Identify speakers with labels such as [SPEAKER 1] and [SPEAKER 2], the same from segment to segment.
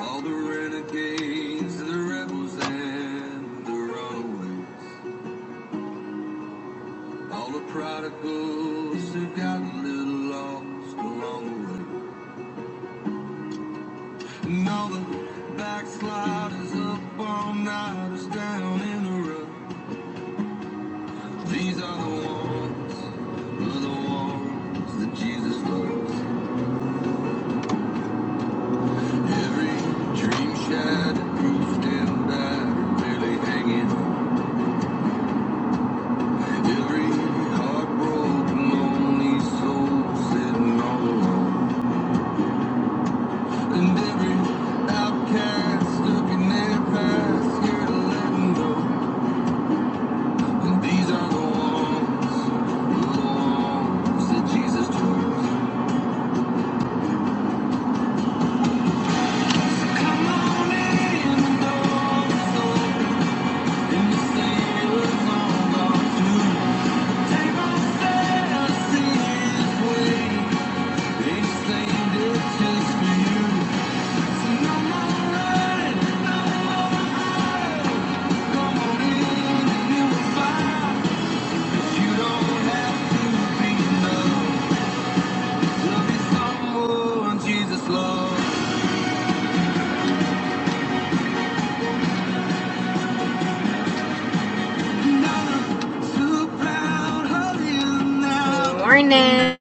[SPEAKER 1] All the renegades, the rebels, and the runaways. All the prodigals who got a little lost along the way. And all the backsliders up all nighters down in the rough. These are the ones, are the ones that Jesus loves. Every dream shattered, proof and battered, barely hanging on. Every heart lonely soul sitting all alone. And every outcast stuck their past, scared of letting go. And these are the ones, the ones that Jesus chose. Come on in, the door's open, and the Savior's on guard too. Take my sin, his way, ain't saved it just for you. Morning.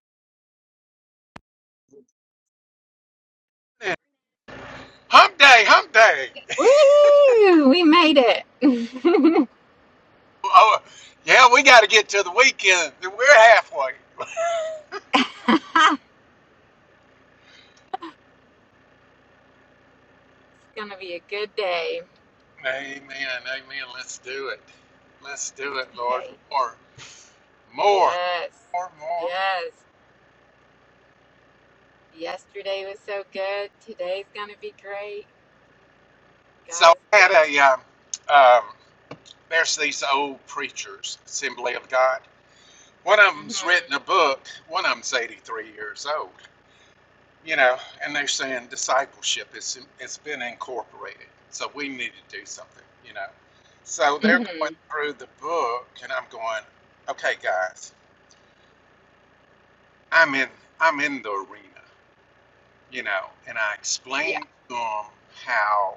[SPEAKER 2] Hump day, hump day.
[SPEAKER 1] Woo! We made it. it's
[SPEAKER 2] Oh, yeah, we got to get to the weekend. We're halfway.
[SPEAKER 1] gonna be a good day.
[SPEAKER 2] Amen, amen. Let's do it. Let's do it, Lord.
[SPEAKER 1] Hey,
[SPEAKER 2] More, more,
[SPEAKER 1] yes,
[SPEAKER 2] more, more.
[SPEAKER 1] yes. Yesterday was so good. Today's gonna be great. God
[SPEAKER 2] So
[SPEAKER 1] is
[SPEAKER 2] I had a,
[SPEAKER 1] good.
[SPEAKER 2] um, um, there's these old preachers, Assembly of God. One of them's
[SPEAKER 1] hmm
[SPEAKER 2] written a book. One of them's 83 years old. you know, and they're saying discipleship is it's been incorporated, so we need to do something, you know. So they're going
[SPEAKER 1] Mhm.
[SPEAKER 2] through the book, and I'm going, okay, guys, I'm in I'm in the arena, you know, and I
[SPEAKER 1] Yeah.
[SPEAKER 2] explained to them how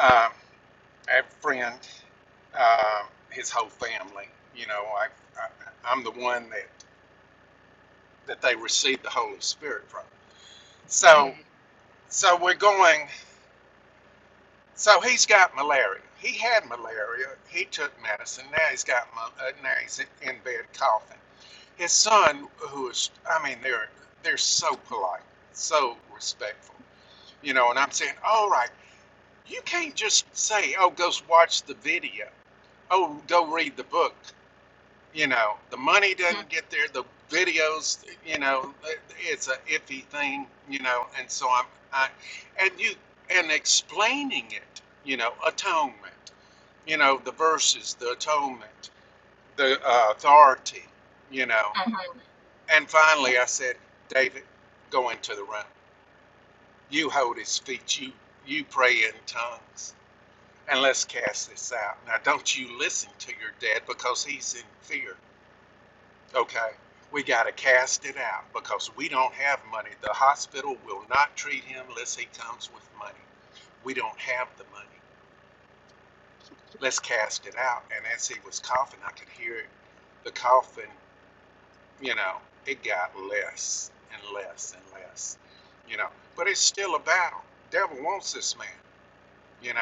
[SPEAKER 2] um, I have a friend, um, his whole family, you know, I, I I'm the one that that they received the Holy Spirit from. So
[SPEAKER 1] Mhm.
[SPEAKER 2] so we're going. So he's got malaria. He had malaria. He took medicine. Now he's got uh, now he's in bed coughing. His son, who is, I mean, they're they're so polite, so respectful, you know. And I'm saying, all right, you can't just say, oh, go watch the video, oh, go read the book you know the money
[SPEAKER 1] Mm,
[SPEAKER 2] doesn't get there the videos you know it's a iffy thing you know and so i'm I, and you and explaining it you know atonement you know the verses the atonement the uh, authority you know
[SPEAKER 1] Mhm.
[SPEAKER 2] and finally i said david go into the room you hold his feet you you pray in tongues and let's cast this out now don't you listen to your dad because he's in fear Okay. We got to cast it out because we don't have money. The hospital will not treat him unless he comes with money. We don't have the money. Let's cast it out. And as he was coughing, I could hear it. The coughing, you know, it got less and less and less, you know. But it's still a battle. Devil wants this man, you know.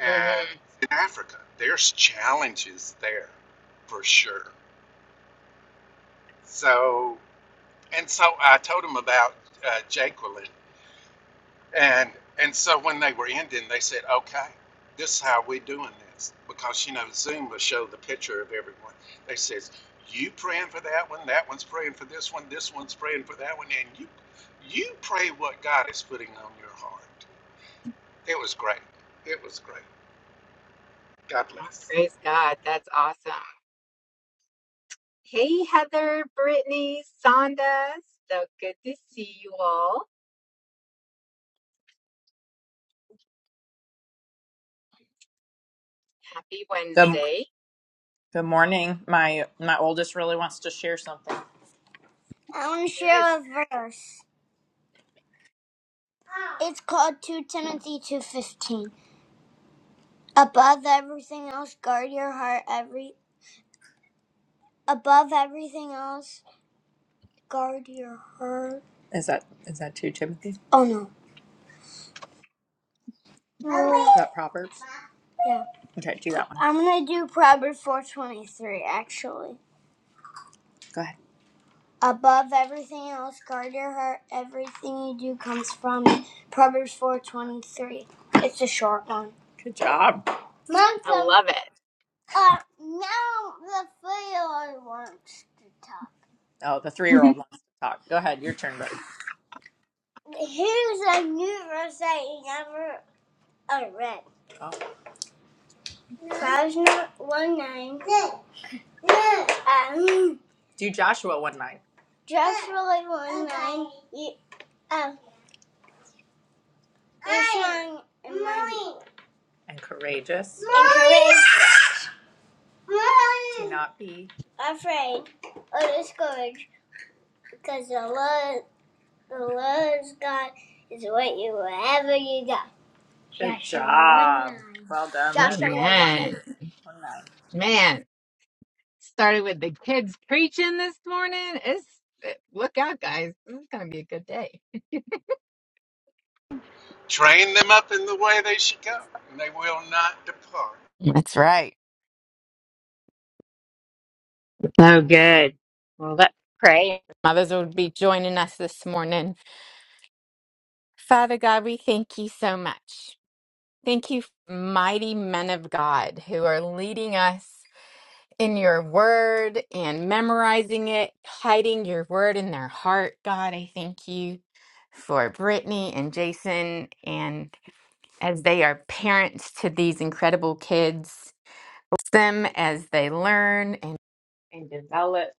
[SPEAKER 2] And
[SPEAKER 1] Mhm.
[SPEAKER 2] in Africa, there's challenges there for sure. So And so I told them about uh, Jaqueline, and and so when they were ending, they said, "Okay, this is how we're doing this," because you know Zoom will show the picture of everyone. They says, "You praying for that one, that one's praying for this one, this one's praying for that one, and you you pray what God is putting on your heart." It was great. It was great. God
[SPEAKER 1] Oh,
[SPEAKER 2] bless.
[SPEAKER 1] praise God. That's awesome. Hey, Heather, Brittany, Sonda. So good to see you all. Happy
[SPEAKER 3] Good,
[SPEAKER 1] Wednesday.
[SPEAKER 3] good morning. My my oldest really wants to share something. I want to
[SPEAKER 1] All right.
[SPEAKER 3] share a verse. It's called 2 Timothy 2:15. Above everything else, guard your heart. Every above everything else, guard your heart. Is that is that 2 Timothy? Oh no. No. Is that Proverbs? Yeah. Okay, do that one. I'm gonna do Proverbs 4:23 actually. Go ahead. Above everything else, guard your heart. Everything you do comes from it. Proverbs 4.23. It's a short one. Good job. Mom,
[SPEAKER 1] I
[SPEAKER 3] come.
[SPEAKER 1] love it.
[SPEAKER 3] Uh, now the three-year-old wants to talk. Oh, the three-year-old wants to talk. Go ahead, your turn, buddy. Here's a new verse that you never uh, read. Oh. Proverbs 1 9. Um, do Joshua 1 9. Joshua 1 9. You, uh, and and courageous. And courageous. Do not be Afraid or discouraged because the Lord, the Lord's God is with you wherever you go. Good job. Well done, Joshua
[SPEAKER 1] Amen.
[SPEAKER 3] One nine.
[SPEAKER 1] Man, started with the kids preaching this morning. It's look out, guys. This is gonna be a good day.
[SPEAKER 2] Train them up in the way they should go, and they will not depart.
[SPEAKER 1] That's right. So good. Well, let's pray. Mothers will be joining us this morning. Father God, we thank you so much. Thank you, mighty men of God, who are leading us in your word and memorizing it, hiding your word in their heart. God, I thank you for Brittany and Jason, and as they are parents to these incredible kids, them as they learn and, and develop.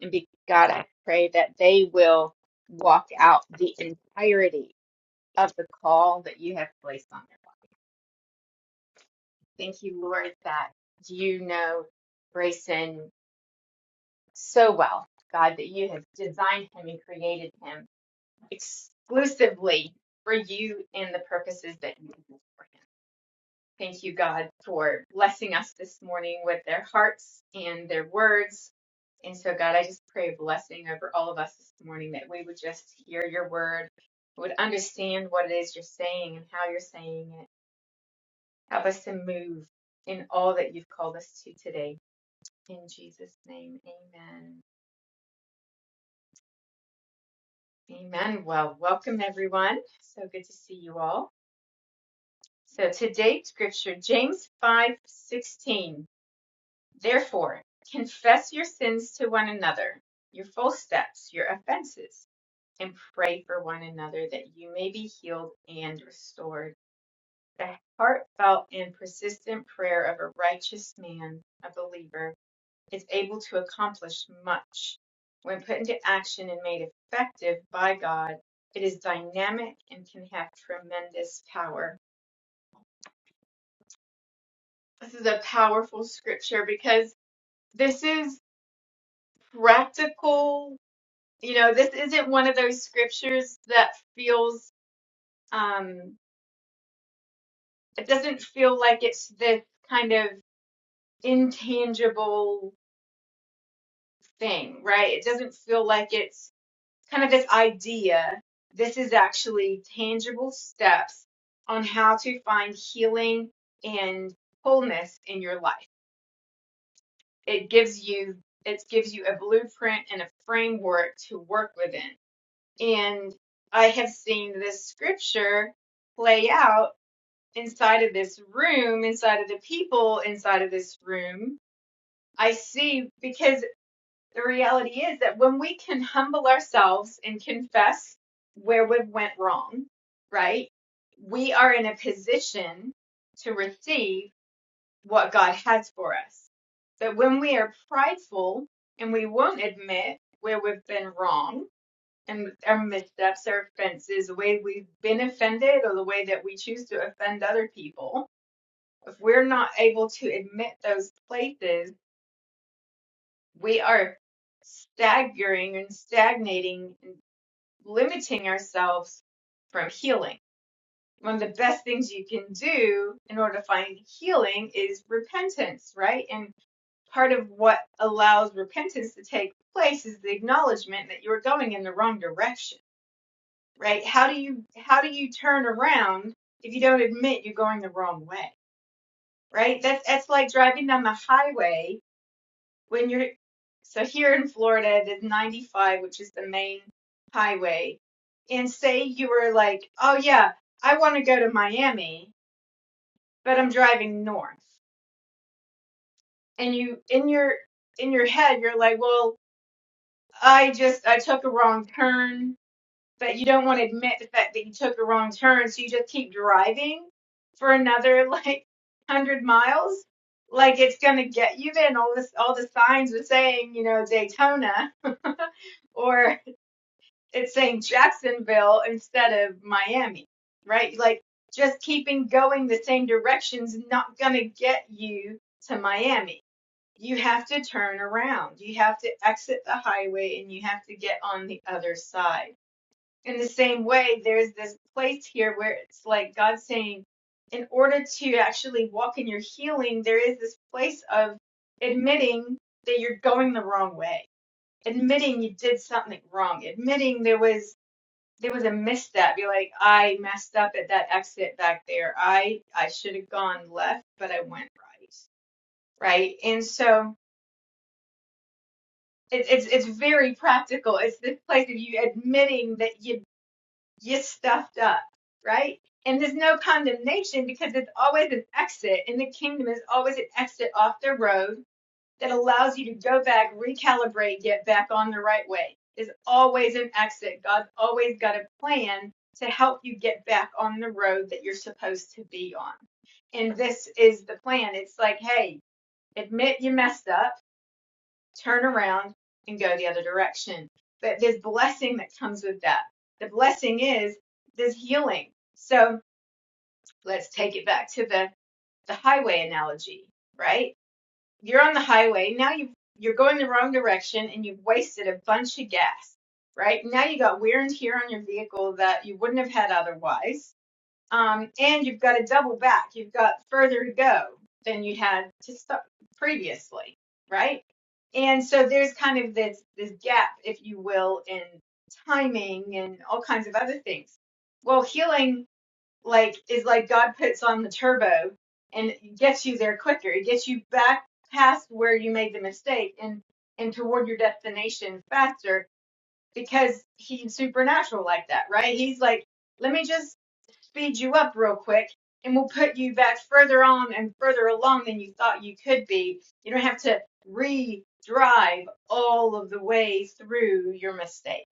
[SPEAKER 1] And be, God, I pray that they will walk out the entirety of the call that you have placed on their life. Thank you, Lord, that you know Grayson so well, God, that you have designed him and created him exclusively for you and the purposes that you have for him. Thank you, God, for blessing us this morning with their hearts and their words. And so, God, I just pray a blessing over all of us this morning that we would just hear your word, would understand what it is you're saying and how you're saying it Help us to move in all that you've called us to today. In Jesus' name, amen. Amen. Well, welcome everyone. So good to see you all. So today's scripture, James 5:16. Therefore, confess your sins to one another, your full steps, your offenses, and pray for one another that you may be healed and restored. The heartfelt and persistent prayer of a righteous man, a believer, is able to accomplish much. When put into action and made effective by God, it is dynamic and can have tremendous power. This is a powerful scripture because this is practical. You know, this isn't one of those scriptures that feels, um, it doesn't feel like it's this kind of intangible thing, right? It doesn't feel like it's kind of this idea. This is actually tangible steps on how to find healing and wholeness in your life. It gives you it gives you a blueprint and a framework to work within. And I have seen this scripture play out inside of this room, inside of the people inside of this room. I see because. the reality is that when we can humble ourselves and confess where we went wrong, right, we are in a position to receive what God has for us. But when we are prideful and we won't admit where we've been wrong and our missteps, our offenses, the way we've been offended, or the way that we choose to offend other people, if we're not able to admit those places, we are staggering and stagnating and limiting ourselves from healing. One of the best things you can do in order to find healing is repentance, right? And part of what allows repentance to take place is the acknowledgement that you're going in the wrong direction, right? How do you how do you turn around if you don't admit you're going the wrong way, right? That's that's like driving down the highway when you're so here in Florida, it is 95, which is the main highway. And say you were like, oh yeah, I want to go to Miami, but I'm driving north. And you in your in your head, you're like, well, I just I took a wrong turn but you don't want to admit the fact that you took a wrong turn, so you just keep driving for another like one hundred miles. Like it's gonna get you there, and all this, all the signs are saying, you know, Daytona, or it's saying Jacksonville instead of Miami, right? Like just keeping going the same direction's not gonna get you to Miami. You have to turn around. You have to exit the highway, and you have to get on the other side in the same way, there's this place here where it's like God saying, in order to actually walk in your healing, there is this place of admitting that you're going the wrong way, admitting you did something wrong, admitting there was there was a misstep. You're like, I messed up at that exit back there. I I should have gone left, but I went right, right? And so it's it's it's very practical. It's this place of you admitting that you you stuffed up, right? And there's no condemnation because there's always an exit and the kingdom. is always an exit off the road that allows you to go back, recalibrate, get back on the right way. There's always an exit. God's always got a plan to help you get back on the road that you're supposed to be on. And this is the plan. It's like, hey, admit you messed up turn around and go the other direction. But there's blessing that comes with that. The blessing is there's healing. So let's take it back to the, the highway analogy, right? You're on the highway. Now you you're going the wrong direction and you've wasted a bunch of gas, right? Now you got wear and tear on your vehicle that you wouldn't have had otherwise um, and you've got to double back. You've got further to go than you had to start previously, right? And so there's kind of this this gap, if you will, in timing and all kinds of other things. Well, healing like is like God puts on the turbo and gets you there quicker. It gets you back past where you made the mistake and and toward your destination faster because he's supernatural like that, right? He's like, let me just speed you up real quick and will put you back further on and further along than you thought you could be. You don't have to re drive all of the way through your mistake.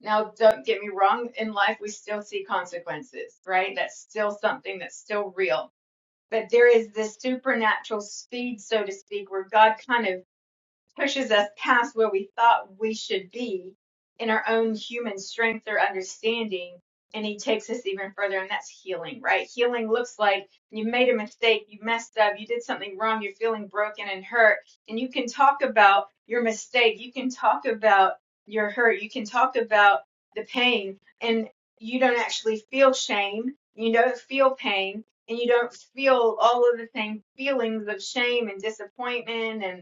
[SPEAKER 1] Now, don't get me wrong, in life we still see consequences, right? That's still something that's still real. But there is this supernatural speed, so to speak, where God kind of pushes us past where we thought we should be in our own human strength or understanding. And he takes us even further, and that's healing, right? Healing looks like you made a mistake, you messed up, you did something wrong, you're feeling broken and hurt. And you can talk about your mistake, you can talk about your hurt, you can talk about the pain, and you don't actually feel shame, you don't feel pain, and you don't feel all of the same feelings of shame and disappointment and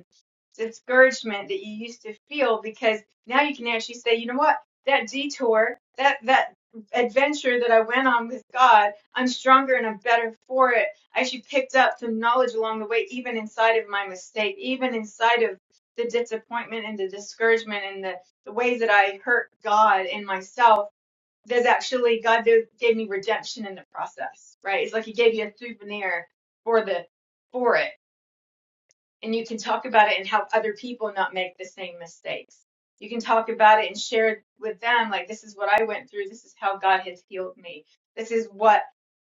[SPEAKER 1] discouragement that you used to feel because now you can actually say, you know what, that detour, that that adventure that I went on with God, I'm stronger and I'm better for it. I actually picked up some knowledge along the way, even inside of my mistake, even inside of the disappointment and the discouragement and the, the ways that I hurt God and myself. There's actually God do- gave me redemption in the process, right? It's like He gave you a souvenir for the for it and you can talk about it and help other people not make the same mistakes. You can talk about it and share it with them like this is what I went through, this is how God has healed me. This is what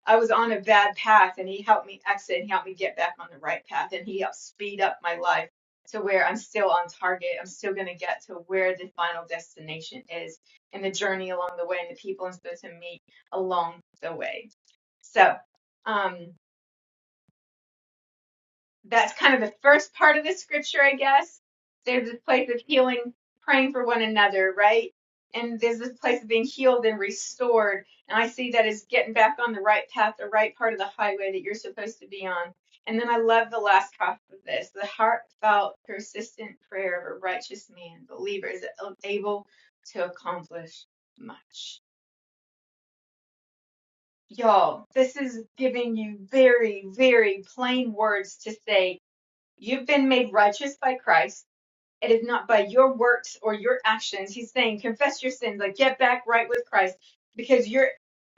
[SPEAKER 1] I was on a bad path and he helped me exit and he helped me get back on the right path and he helped speed up my life to where I'm still on target. I'm still going to get to where the final destination is and the journey along the way and the people I'm supposed to meet along the way. So, um that's kind of the first part of the scripture, I guess. There's this place of healing, praying for one another, right? And there's this place of being healed and restored. And I see that as getting back on the right path, the right part of the highway that you're supposed to be on. And then I love the last half of this the heartfelt, persistent prayer of a righteous man, believer, is able to accomplish much. Y'all, this is giving you very, very plain words to say You've been made righteous by Christ. It is not by your works or your actions. He's saying, confess your sins, like get back right with Christ, because you're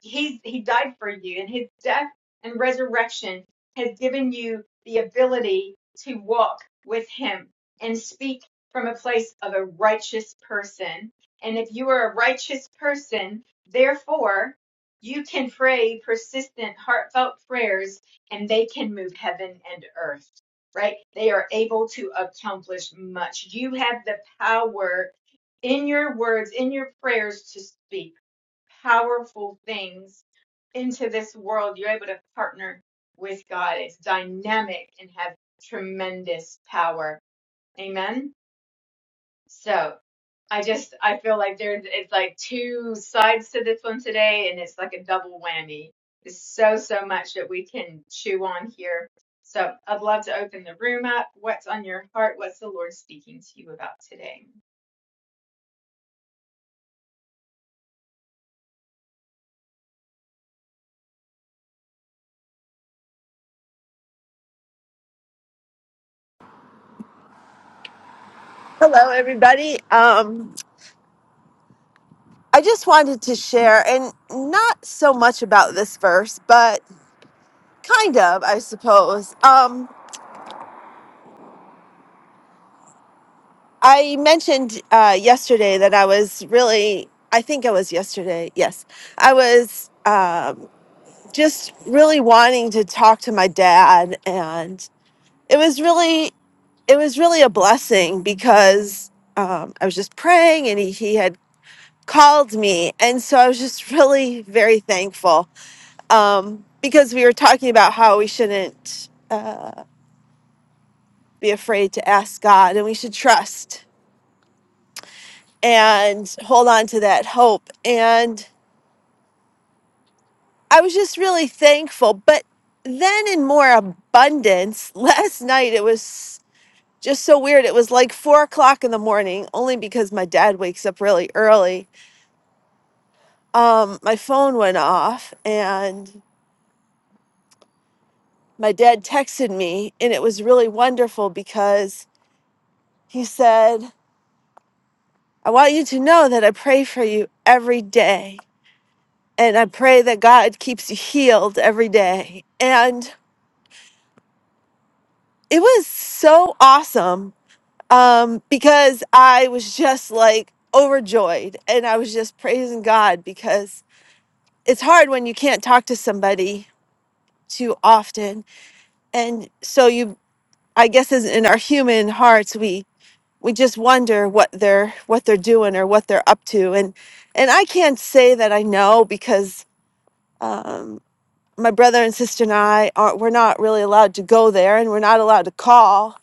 [SPEAKER 1] he's he died for you, and his death and resurrection has given you the ability to walk with him and speak from a place of a righteous person. And if you are a righteous person, therefore you can pray persistent, heartfelt prayers, and they can move heaven and earth right? They are able to accomplish much. You have the power in your words, in your prayers to speak powerful things into this world. You're able to partner with God. It's dynamic and have tremendous power. Amen. So I just I feel like there's it's like two sides to this one today, and it's like a double whammy. There's so so much that we can chew on here. So I'd love to open the room up. What's on your heart? What's the Lord speaking to you about today?
[SPEAKER 4] Hello, everybody. Um, I just wanted to share, and not so much about this verse, but kind of, I suppose. Um, I mentioned uh, yesterday that I was really, I think it was yesterday, yes, I was um, just really wanting to talk to my dad, and it was really, it was really a blessing because um, I was just praying, and he, he had called me, and so I was just really very thankful um, because we were talking about how we shouldn't uh, be afraid to ask God and we should trust and hold on to that hope. And I was just really thankful. But then in more abundance, last night it was just so weird. It was like four o'clock in the morning, only because my dad wakes up really early. Um, my phone went off and my dad texted me, and it was really wonderful because he said, I want you to know that I pray for you every day. And I pray that God keeps you healed every day. And it was so awesome um, because I was just like overjoyed and I was just praising God because it's hard when you can't talk to somebody too often. And so you, I guess, as in our human hearts, we we just wonder what they're what they're doing or what they're up to and and i can't say that i know because Um, my brother and sister and I aren't, we're not really allowed to go there and we're not allowed to call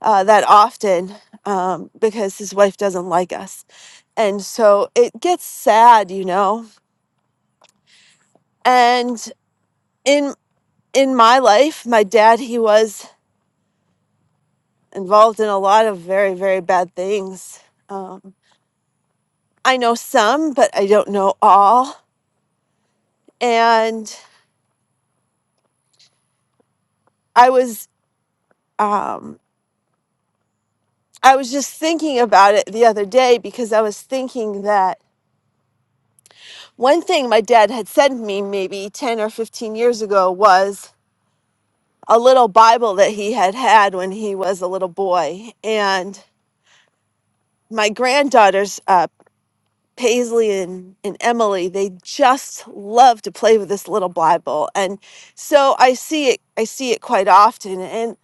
[SPEAKER 4] uh, that often um, because his wife doesn't like us. And so it gets sad, you know. And in in my life, my dad, he was involved in a lot of very, very bad things. Um, I know some, but I don't know all. And I was um, I was just thinking about it the other day because I was thinking that One thing my dad had sent me maybe 10 or 15 years ago was a little Bible that he had had when he was a little boy. And my granddaughters, uh, Paisley and, and Emily, they just love to play with this little Bible. And so I see it, I see it quite often. And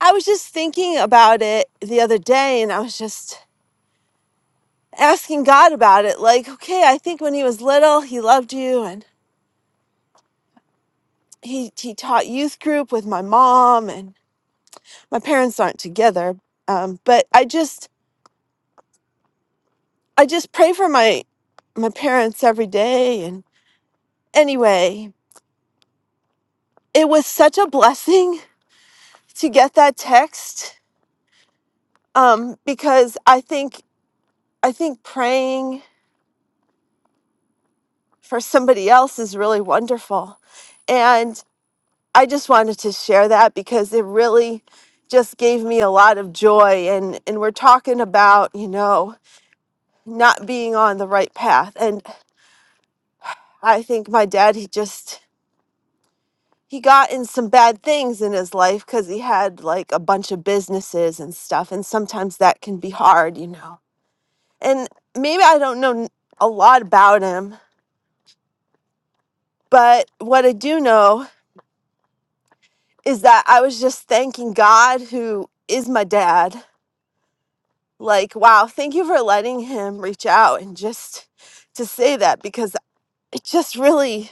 [SPEAKER 4] I was just thinking about it the other day and I was just asking God about it. Like, okay, I think when he was little, he loved you and he, he taught youth group with my mom. and my parents aren't together um, but i just i just pray for my my parents every day and anyway it was such a blessing to get that text um, because i think i think praying for somebody else is really wonderful and i just wanted to share that because it really just gave me a lot of joy and and we're talking about you know not being on the right path and i think my dad he just he got in some bad things in his life because he had like a bunch of businesses and stuff. And sometimes that can be hard, you know. And maybe I don't know n- a lot about him, but what I do know is that I was just thanking God, who is my dad. Like, wow, thank you for letting him reach out and just to say that because it just really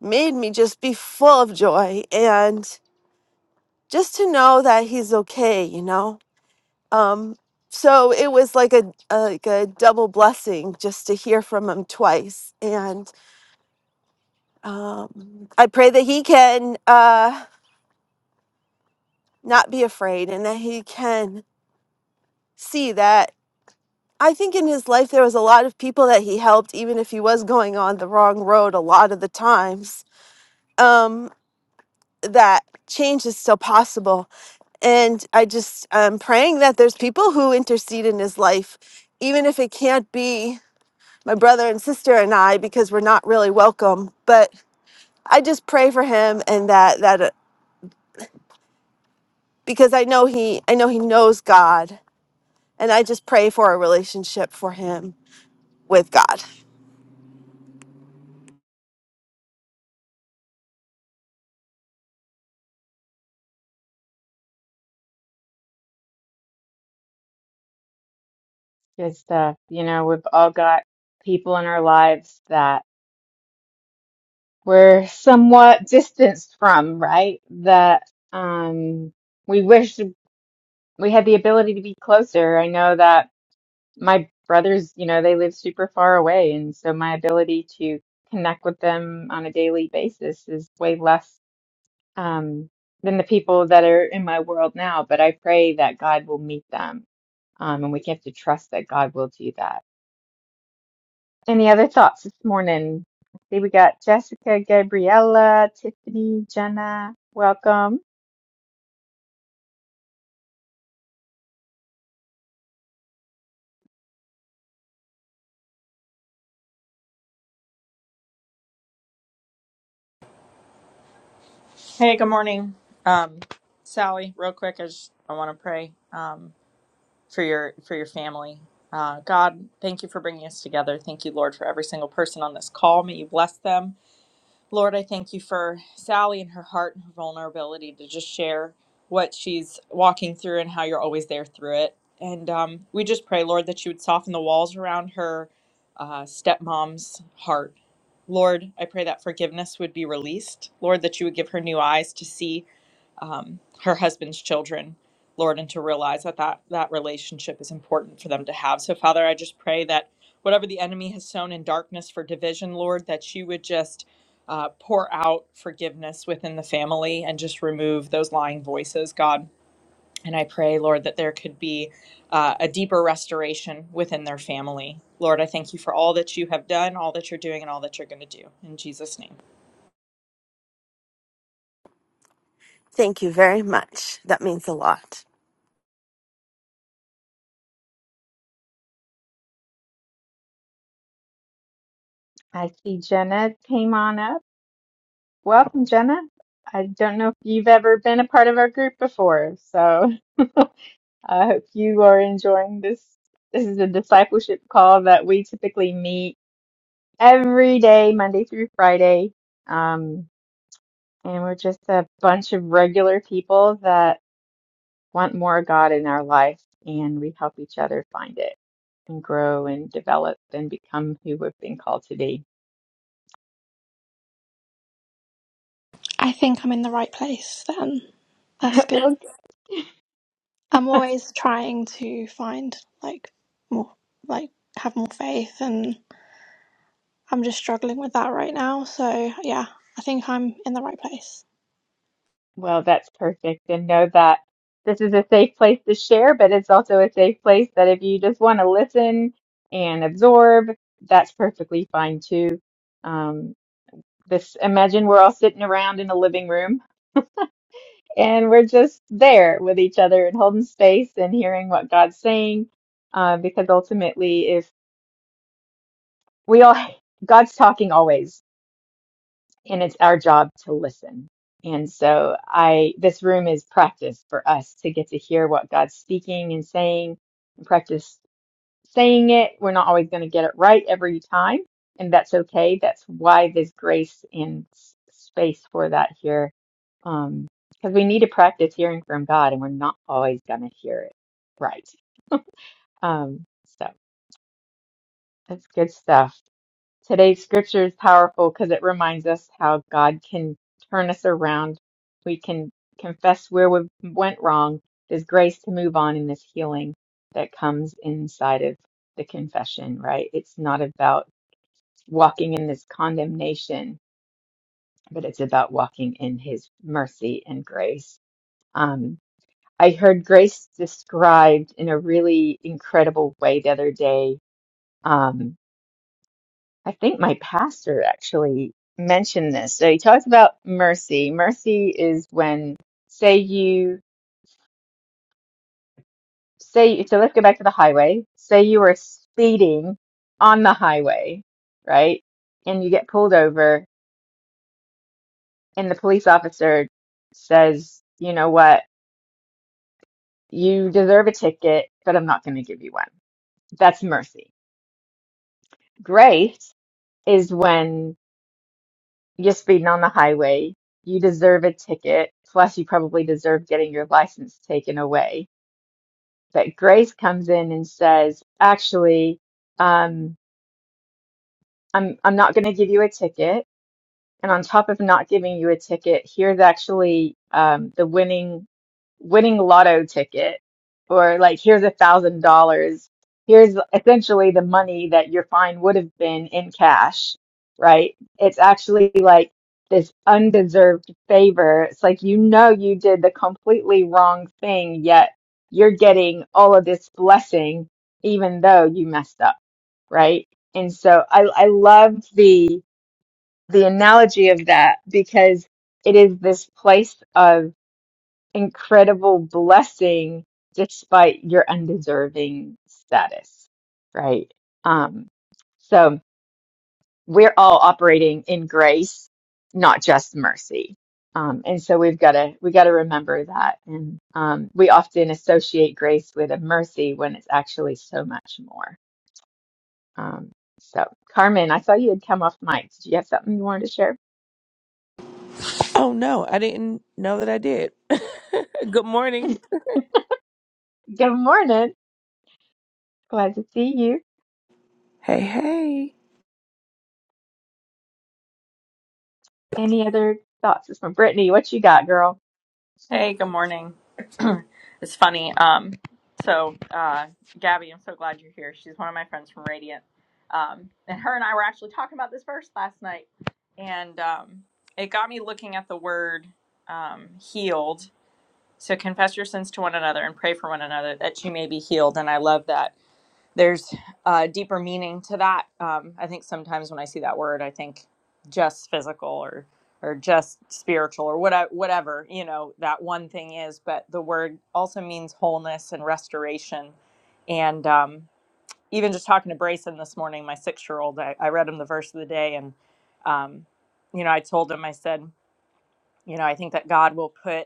[SPEAKER 4] made me just be full of joy and just to know that he's okay, you know Um, so it was like a, a like a double blessing just to hear from him twice. And um, I pray that he can uh, not be afraid and that he can see that. I think in his life there was a lot of people that he helped, even if he was going on the wrong road a lot of the times. Um, that change is still possible. And I just am praying that there's people who intercede in his life, even if it can't be my brother and sister and I because we're not really welcome. But I just pray for him and that that uh, because I know he I know he knows God and I just pray for a relationship for him with God.
[SPEAKER 1] Good stuff. You know, we've all got people in our lives that we're somewhat distanced from, right? That um we wish we had the ability to be closer. I know that my brothers, you know, they live super far away, and so my ability to connect with them on a daily basis is way less um, than the people that are in my world now. But I pray that God will meet them, um, and we have to trust that God will do that. Any other thoughts this morning? I see we got Jessica, Gabriella, Tiffany, Jenna. Welcome.
[SPEAKER 3] Hey, good morning, um, Sally. Real quick, I just I want to pray um, for your for your family. Uh, God, thank you for bringing us together. Thank you, Lord, for every single person on this call. May you bless them. Lord, I thank you for Sally and her heart and her vulnerability to just share what she's walking through and how you're always there through it. And um, we just pray, Lord, that you would soften the walls around her uh, stepmom's heart. Lord, I pray that forgiveness would be released. Lord, that you would give her new eyes to see um, her husband's children, Lord, and to realize that, that that relationship is important for them to have. So, Father, I just pray that whatever the enemy has sown in darkness for division, Lord, that you would just uh, pour out forgiveness within the family and just remove those lying voices, God. And I pray, Lord, that there could be uh, a deeper restoration within their family. Lord, I thank you for all that you have done, all that you're doing, and all that you're going to do. In Jesus' name.
[SPEAKER 4] Thank you very much. That means a lot.
[SPEAKER 1] I see Jenna came on up. Welcome, Jenna. I don't know if you've ever been a part of our group before, so. I hope you are enjoying this. This is a discipleship call that we typically meet every day, Monday through Friday. Um, and we're just a bunch of regular people that want more of God in our life, and we help each other find it and grow and develop and become who we've been called to be.
[SPEAKER 5] I think I'm in the right place then. That's good.
[SPEAKER 1] Well.
[SPEAKER 5] I'm always trying to find like more, like have more faith, and I'm just struggling with that right now. So, yeah, I think I'm in the right place.
[SPEAKER 1] Well, that's perfect. And know that this is a safe place to share, but it's also a safe place that if you just want to listen and absorb, that's perfectly fine too. Um, this imagine we're all sitting around in a living room and we're just there with each other and holding space and hearing what God's saying. Uh, because ultimately, if we all, God's talking always. and it's our job to listen. And so I this room is practice for us to get to hear what God's speaking and saying and practice saying it. We're not always going to get it right every time, and that's okay. That's why there's grace and s- space for that here. Um because we need to practice hearing from God and we're not always going to hear it right. Um so that's good stuff. Today's scripture is powerful because it reminds us how God can turn us around. We can confess where we went wrong. There's grace to move on in this healing that comes inside of the confession, right? It's not about walking in this condemnation, but it's about walking in his mercy and grace. Um, I heard grace described in a really incredible way the other day. Um, I think my pastor actually mentioned this. So he talks about mercy. Mercy is when, say you, say, so let's go back to the highway. Say you were speeding on the highway, right? And you get pulled over and the police officer says, you know what? You deserve a ticket, but I'm not going to give you one. That's mercy. Grace is when You're speeding on the highway. You deserve a ticket. Plus, you probably deserve getting your license taken away. But Grace comes in and says, actually, um, I'm, I'm not going to give you a ticket. And on top of not giving you a ticket, here's actually um, the winning winning lotto ticket, or like here's a thousand dollars. Here's essentially the money that your fine would have been in cash, right? It's actually like this undeserved favor. It's like you know you did the completely wrong thing, yet you're getting all of this blessing even though you messed up, right? And so I I loved the the analogy of that because it is this place of incredible blessing despite your undeserving status, right? Um, so we're all operating in grace, not just mercy. Um, and so we've got to we got to remember that, and um, we often associate grace with a mercy when it's actually so much more. Um, so Carmen, I saw you had come off mic. Did you have something you wanted to share?
[SPEAKER 6] Oh no, I didn't know that I did. Good morning.
[SPEAKER 1] Good morning. Glad to see you.
[SPEAKER 6] Hey, hey.
[SPEAKER 1] Any other thoughts? It's from Brittany. What you got, girl?
[SPEAKER 3] Hey, good morning. It's funny. Um, so, uh, Gabby, I'm so glad you're here. She's one of my friends from Radiant. Um, and her and I were actually talking about this verse last night. And um, it got me looking at the word um, healed. So, confess your sins to one another and pray for one another that you may be healed. And I love that there's a deeper meaning to that. Um, I think sometimes when I see that word, I think just physical or or just spiritual or whatever, whatever you know that one thing is. But the word also means wholeness and restoration. And um, even just talking to Brayson this morning, my six-year-old, I, I read him the verse of the day, and um, you know, I told him, I said, you know, I think that God will put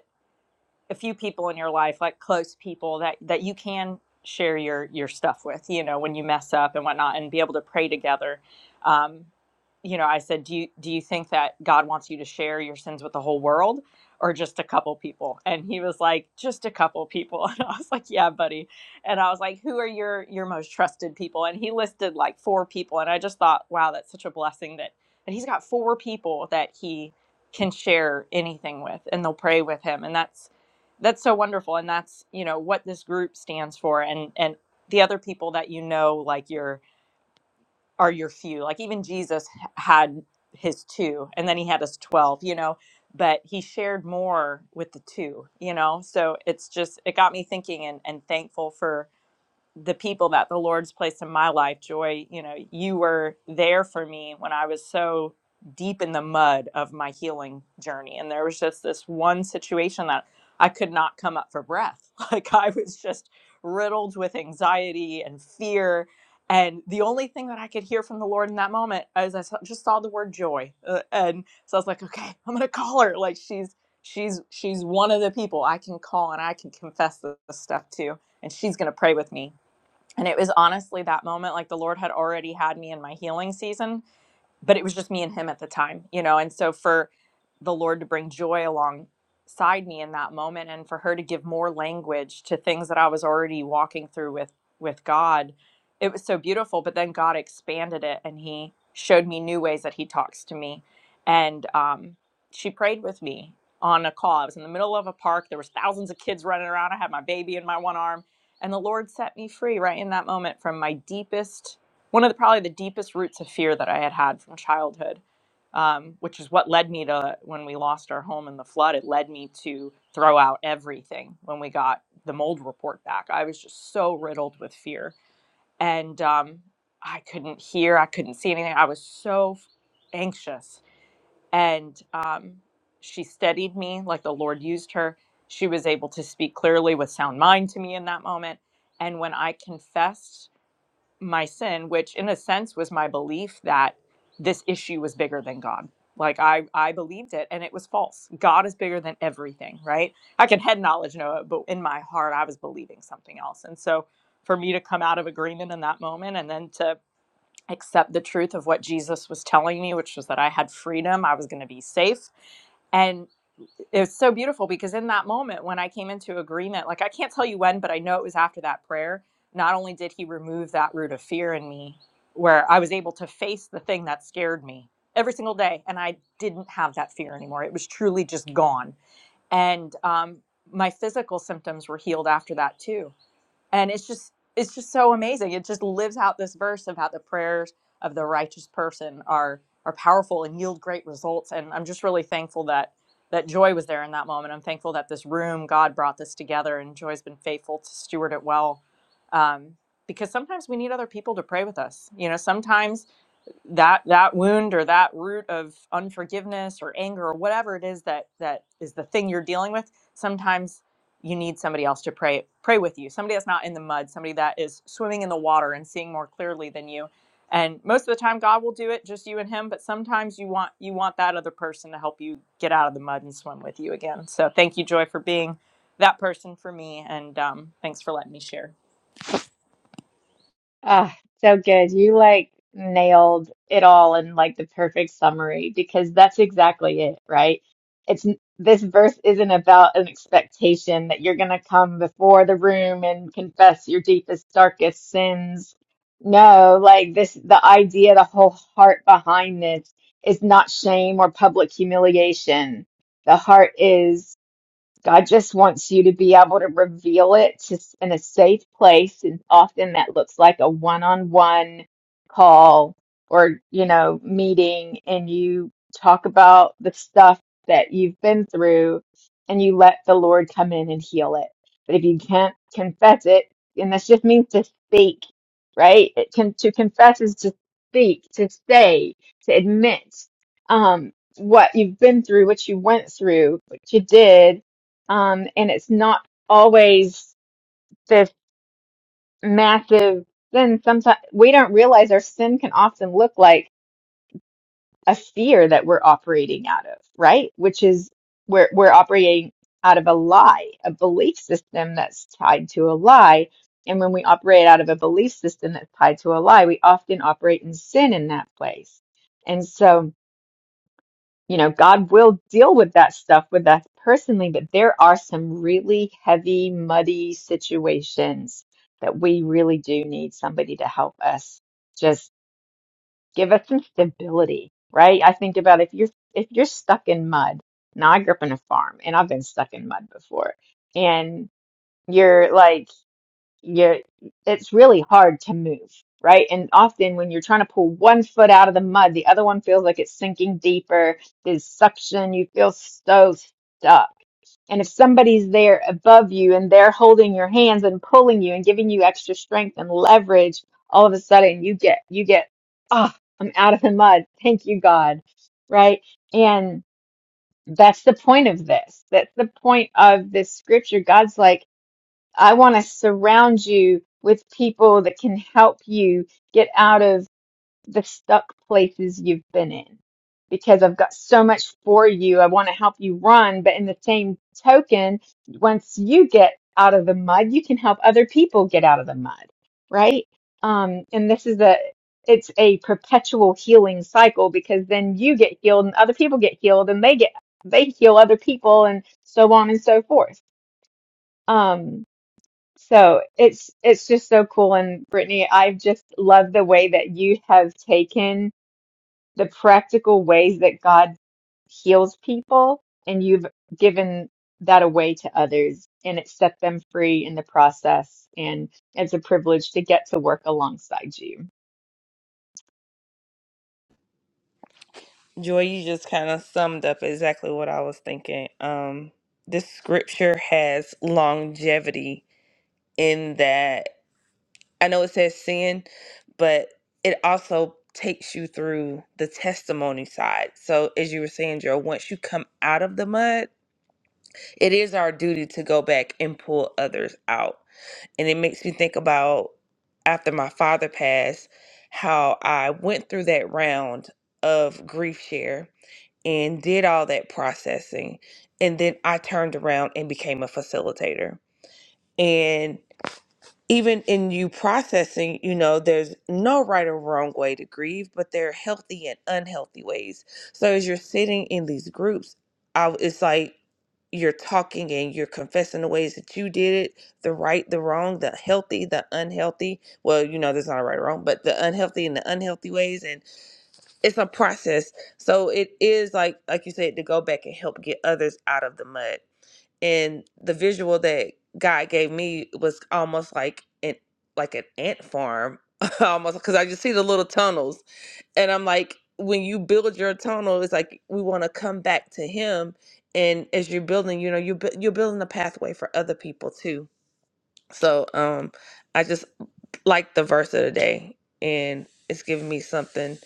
[SPEAKER 3] a few people in your life, like close people that that you can share your your stuff with, you know, when you mess up and whatnot, and be able to pray together. Um, you know, I said, do you do you think that God wants you to share your sins with the whole world, or just a couple people? And he was like, just a couple people. And I was like, yeah, buddy. And I was like, who are your your most trusted people? And he listed like four people, and I just thought, wow, that's such a blessing that that he's got four people that he can share anything with, and they'll pray with him, and that's that's so wonderful and that's you know what this group stands for and and the other people that you know like your are your few like even jesus had his two and then he had his 12 you know but he shared more with the two you know so it's just it got me thinking and and thankful for the people that the Lord's placed in my life, Joy, you know, you were there for me when I was so deep in the mud of my healing journey. And there was just this one situation that I could not come up for breath. Like I was just riddled with anxiety and fear. And the only thing that I could hear from the Lord in that moment is I saw- just saw the word joy. Uh, and so I was like, okay, I'm going to call her. Like she's, she's, she's one of the people I can call and I can confess this stuff to and she's going to pray with me and it was honestly that moment, like the Lord had already had me in my healing season but it was just me and him at the time, you know. And so for the Lord to bring joy alongside me in that moment and for her to give more language to things that I was already walking through with with God, it was so beautiful, but then God expanded it and he showed me new ways that he talks to me. And um she prayed with me on a call. I was in the middle of a park. There was thousands of kids running around. I had my baby in my one arm, and the Lord set me free right in that moment from my deepest one of the probably the deepest roots of fear that I had had from childhood, um, which is what led me to when we lost our home in the flood. It led me to throw out everything when we got the mold report back. I was just so riddled with fear, and um, I couldn't hear, I couldn't see anything. I was so f- anxious, and um, she steadied me like the Lord used her. She was able to speak clearly with sound mind to me in that moment, and when I confessed my sin which in a sense was my belief that this issue was bigger than god like i i believed it and it was false god is bigger than everything right i can head knowledge know it but in my heart i was believing something else and so for me to come out of agreement in that moment and then to accept the truth of what Jesus was telling me, which was that I had freedom, I was going to be safe. And it was so beautiful because in that moment when I came into agreement, like I can't tell you when, but I know it was after that prayer, not only did he remove that root of fear in me, where I was able to face the thing that scared me every single day. And I didn't have that fear anymore. It was truly just gone. And um, my physical symptoms were healed after that too and it's just it's just so amazing it just lives out this verse of how the prayers of the righteous person are are powerful and yield great results and i'm just really thankful that that joy was there in that moment i'm thankful that this room god brought this together and joy's been faithful to steward it well um, because sometimes we need other people to pray with us you know sometimes that that wound or that root of unforgiveness or anger or whatever it is that that is the thing you're dealing with sometimes you need somebody else to pray pray with you somebody that's not in the mud somebody that is swimming in the water and seeing more clearly than you and most of the time god will do it just you and him but sometimes you want you want that other person to help you get out of the mud and swim with you again so thank you joy for being that person for me and um, thanks for letting me share
[SPEAKER 1] Ah, so good. You like nailed it all in like the perfect summary because that's exactly it, right? It's this verse isn't about an expectation that you're going to come before the room and confess your deepest, darkest sins. No, like this, the idea, the whole heart behind this is not shame or public humiliation. The heart is. God just wants you to be able to reveal it to, in a safe place. And often that looks like a one on one call or, you know, meeting, and you talk about the stuff that you've been through and you let the Lord come in and heal it. But if you can't confess it, and this just means to speak, right? It can, to confess is to speak, to say, to admit um, what you've been through, what you went through, what you did um, and it's not always this massive sin. Sometimes we don't realize our sin can often look like a fear that we're operating out of, right? Which is we're we're operating out of a lie, a belief system that's tied to a lie. And when we operate out of a belief system that's tied to a lie, we often operate in sin in that place. And so you know, God will deal with that stuff with us personally, but there are some really heavy, muddy situations that we really do need somebody to help us. Just give us some stability, right? I think about if you're if you're stuck in mud. Now I grew up on a farm and I've been stuck in mud before. And you're like you're it's really hard to move right and often when you're trying to pull one foot out of the mud the other one feels like it's sinking deeper there's suction you feel so stuck and if somebody's there above you and they're holding your hands and pulling you and giving you extra strength and leverage all of a sudden you get you get ah i'm out of the mud thank you god right and that's the point of this that's the point of this scripture god's like I want to surround you with people that can help you get out of the stuck places you've been in because I've got so much for you. I want to help you run, but in the same token, once you get out of the mud, you can help other people get out of the mud, right? Um, and this is a it's a perpetual healing cycle because then you get healed and other people get healed and they get they heal other people and so on and so forth. Um, so it's it's just so cool. And Brittany, I've just loved the way that you have taken the practical ways that God heals people and you've given that away to others and it set them free in the process. And it's a privilege to get to work alongside you.
[SPEAKER 6] Joy, you just kind of summed up exactly what I was thinking. Um, this scripture has longevity in that I know it says sin, but it also takes you through the testimony side. So, as you were saying, Joe, once you come out of the mud, it is our duty to go back and pull others out. And it makes me think about after my father passed, how I went through that round of grief share and did all that processing. And then I turned around and became a facilitator. and even in you processing, you know, there's no right or wrong way to grieve, but there are healthy and unhealthy ways. So as you're sitting in these groups, I, it's like you're talking and you're confessing the ways that you did it the right, the wrong, the healthy, the unhealthy. Well, you know, there's not a right or wrong, but the unhealthy and the unhealthy ways. And it's a process. So it is like, like you said, to go back and help get others out of the mud and the visual that God gave me was almost like an like an ant farm, almost because I just see the little tunnels, and I'm like, when you build your tunnel, it's like we want to come back to Him, and as you're building, you know, you bu- you're building a pathway for other people too so um I just like the verse of the day and it's giving me something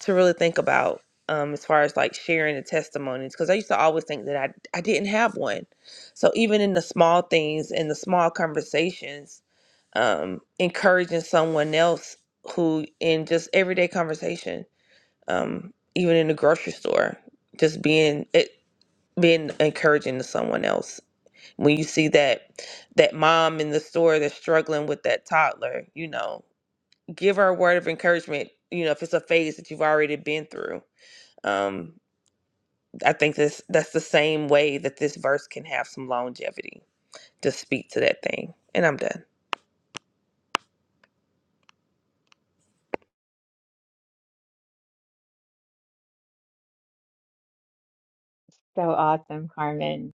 [SPEAKER 6] to really think about um as far as like sharing the testimonies because I used to always think that I I didn't have one. So even in the small things in the small conversations, um encouraging someone else who in just everyday conversation, um even in the grocery store, just being it being encouraging to someone else when you see that that mom in the store that's struggling with that toddler you know give her a word of encouragement you know if it's a phase that you've already been through um i think this that's the same way that this verse can have some longevity to speak to that thing and i'm done
[SPEAKER 1] So awesome, Carmen.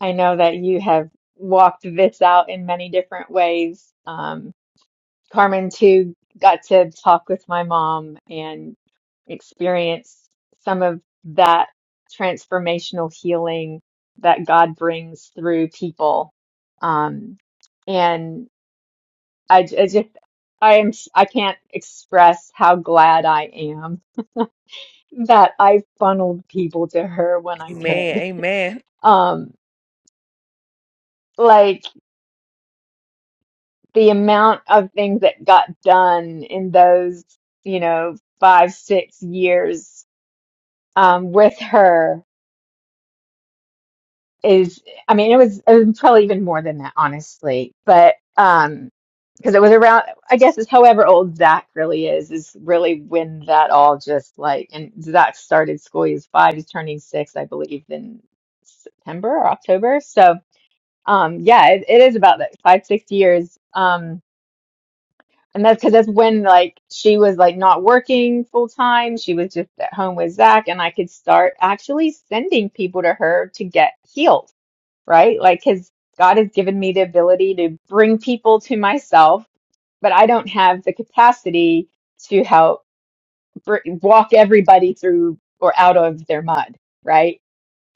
[SPEAKER 1] I know that you have walked this out in many different ways. Um, Carmen too got to talk with my mom and experience some of that transformational healing that God brings through people. Um, and I, j- I just, I am, I can't express how glad I am that I funneled people to her when I
[SPEAKER 6] amen
[SPEAKER 1] could.
[SPEAKER 6] Amen.
[SPEAKER 1] Um, like the amount of things that got done in those, you know, five, six years um, with her is, I mean, it was, it was probably even more than that, honestly. But um, because it was around, I guess it's however old Zach really is, is really when that all just like, and Zach started school. He was five, he's turning six, I believe, in September or October. So, um, yeah, it, it is about like five, six years. Um, And that's because that's when like she was like not working full time. She was just at home with Zach, and I could start actually sending people to her to get healed, right? Like, because God has given me the ability to bring people to myself, but I don't have the capacity to help br walk everybody through or out of their mud, right?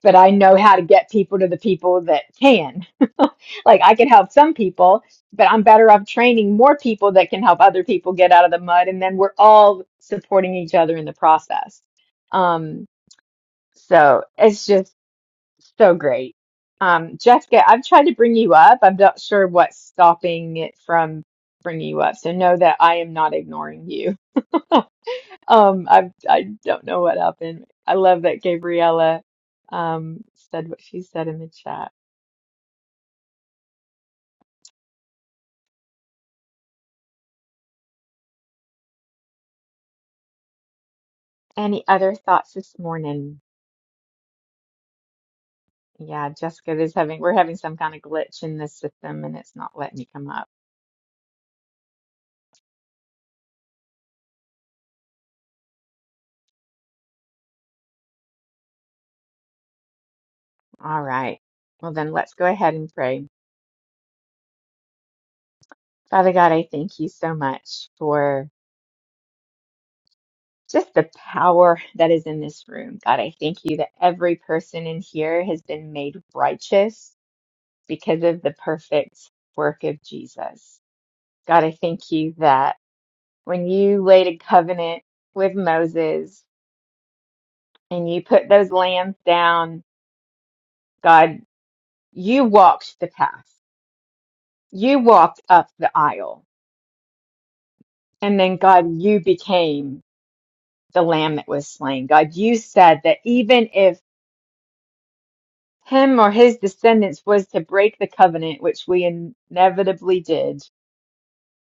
[SPEAKER 1] But I know how to get people to the people that can like I could help some people, but I'm better off training more people that can help other people get out of the mud, and then we're all supporting each other in the process. Um, so it's just so great. Um, Jessica, I've tried to bring you up. I'm not sure what's stopping it from bringing you up. So know that I am not ignoring you. Um, I I don't know what happened. I love that Gabriella um said what she said in the chat. Any other thoughts this morning? Yeah, Jessica is having, we're having some kind of glitch in this system and it's not letting you come up. All right. Well, then let's go ahead and pray. Father God, I thank you so much for just the power that is in this room. God, I thank you that every person in here has been made righteous because of the perfect work of Jesus. God, I thank you that when you laid a covenant with Moses and you put those lambs down, God, you walked the path. You walked up the aisle, and then God, you became the lamb that was slain. God, you said that even if him or his descendants was to break the covenant, which we inevitably did,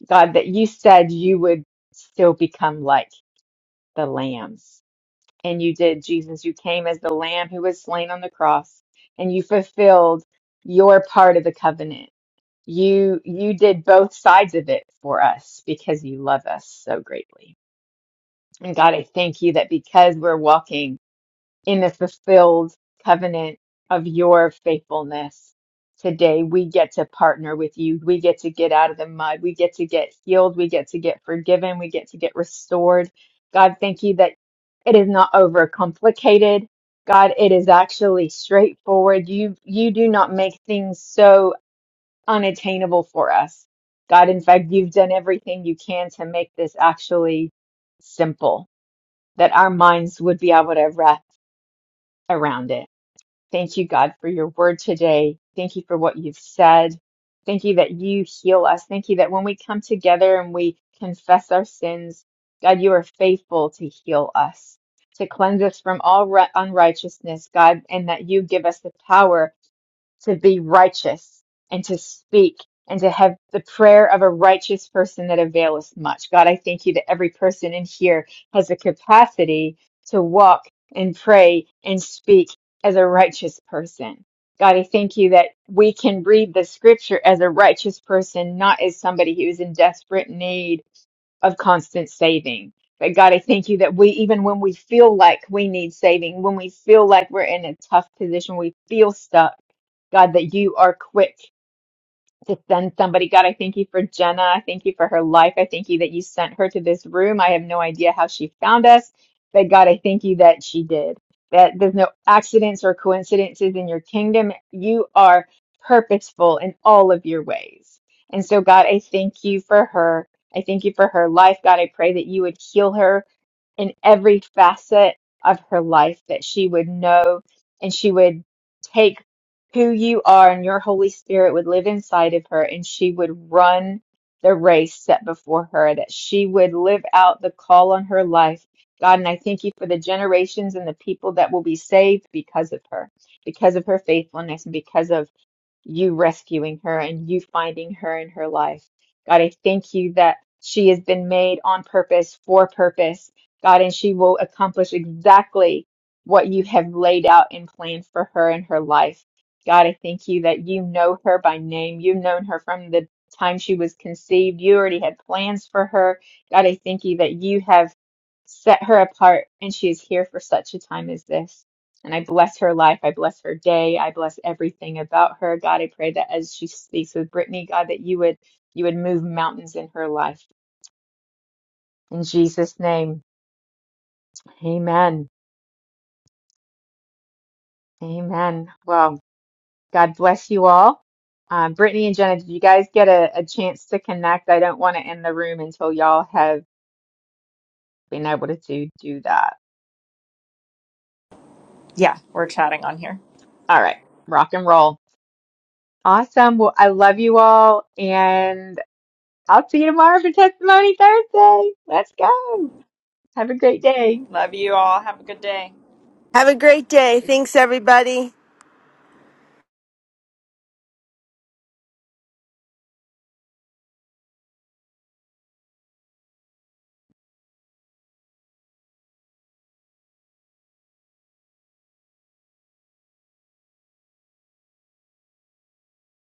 [SPEAKER 1] God, that you said you would still become like the lambs. And you did, Jesus. You came as the lamb who was slain on the cross, and you fulfilled your part of the covenant. You you did both sides of it for us because you love us so greatly. And God, I thank you that because we're walking in the fulfilled covenant of your faithfulness today, we get to partner with you. We get to get out of the mud. We get to get healed. We get to get forgiven. We get to get restored. God, thank you that it is not overcomplicated. God, it is actually straightforward. You you do not make things so unattainable for us. God, in fact, you've done everything you can to make this actually simple that our minds would be able to wrap around it. Thank you, God, for your word today. Thank you for what you've said. Thank you that you heal us. Thank you that when we come together and we confess our sins, God, you are faithful to heal us, to cleanse us from all ri- unrighteousness, God, and that you give us the power to be righteous and to speak and to have the prayer of a righteous person that availeth much. God, I thank you that every person in here has the capacity to walk and pray and speak as a righteous person. God, I thank you that we can read the scripture as a righteous person, not as somebody who is in desperate need of constant saving. But God, I thank you that we, even when we feel like we need saving, when we feel like we're in a tough position, we feel stuck, God, that you are quick to send somebody, God, I thank you for Jenna. I thank you for her life. I thank you that you sent her to this room. I have no idea how she found us, but God, I thank you that she did. That there's no accidents or coincidences in your kingdom. You are purposeful in all of your ways. And so, God, I thank you for her. I thank you for her life. God, I pray that you would heal her in every facet of her life that she would know and she would take who you are and your Holy Spirit would live inside of her and she would run the race set before her, that she would live out the call on her life. God, and I thank you for the generations and the people that will be saved because of her, because of her faithfulness and because of you rescuing her and you finding her in her life. God, I thank you that she has been made on purpose for purpose, God, and she will accomplish exactly what you have laid out and planned for her in her life. God, I thank you that you know her by name. You've known her from the time she was conceived. You already had plans for her. God, I thank you that you have set her apart and she is here for such a time as this. And I bless her life. I bless her day. I bless everything about her. God, I pray that as she speaks with Brittany, God, that you would you would move mountains in her life. In Jesus' name, Amen. Amen. Well, God bless you all. Um, Brittany and Jenna, did you guys get a, a chance to connect? I don't want to end the room until y'all have been able to do, do that.
[SPEAKER 3] yeah we're chatting on here
[SPEAKER 1] All right, rock and roll. Awesome. Well, I love you all, and I'll see you tomorrow for Testimony Thursday. Let's go. Have a great day.
[SPEAKER 3] love you all have a good day
[SPEAKER 4] Have a great day. Thanks everybody.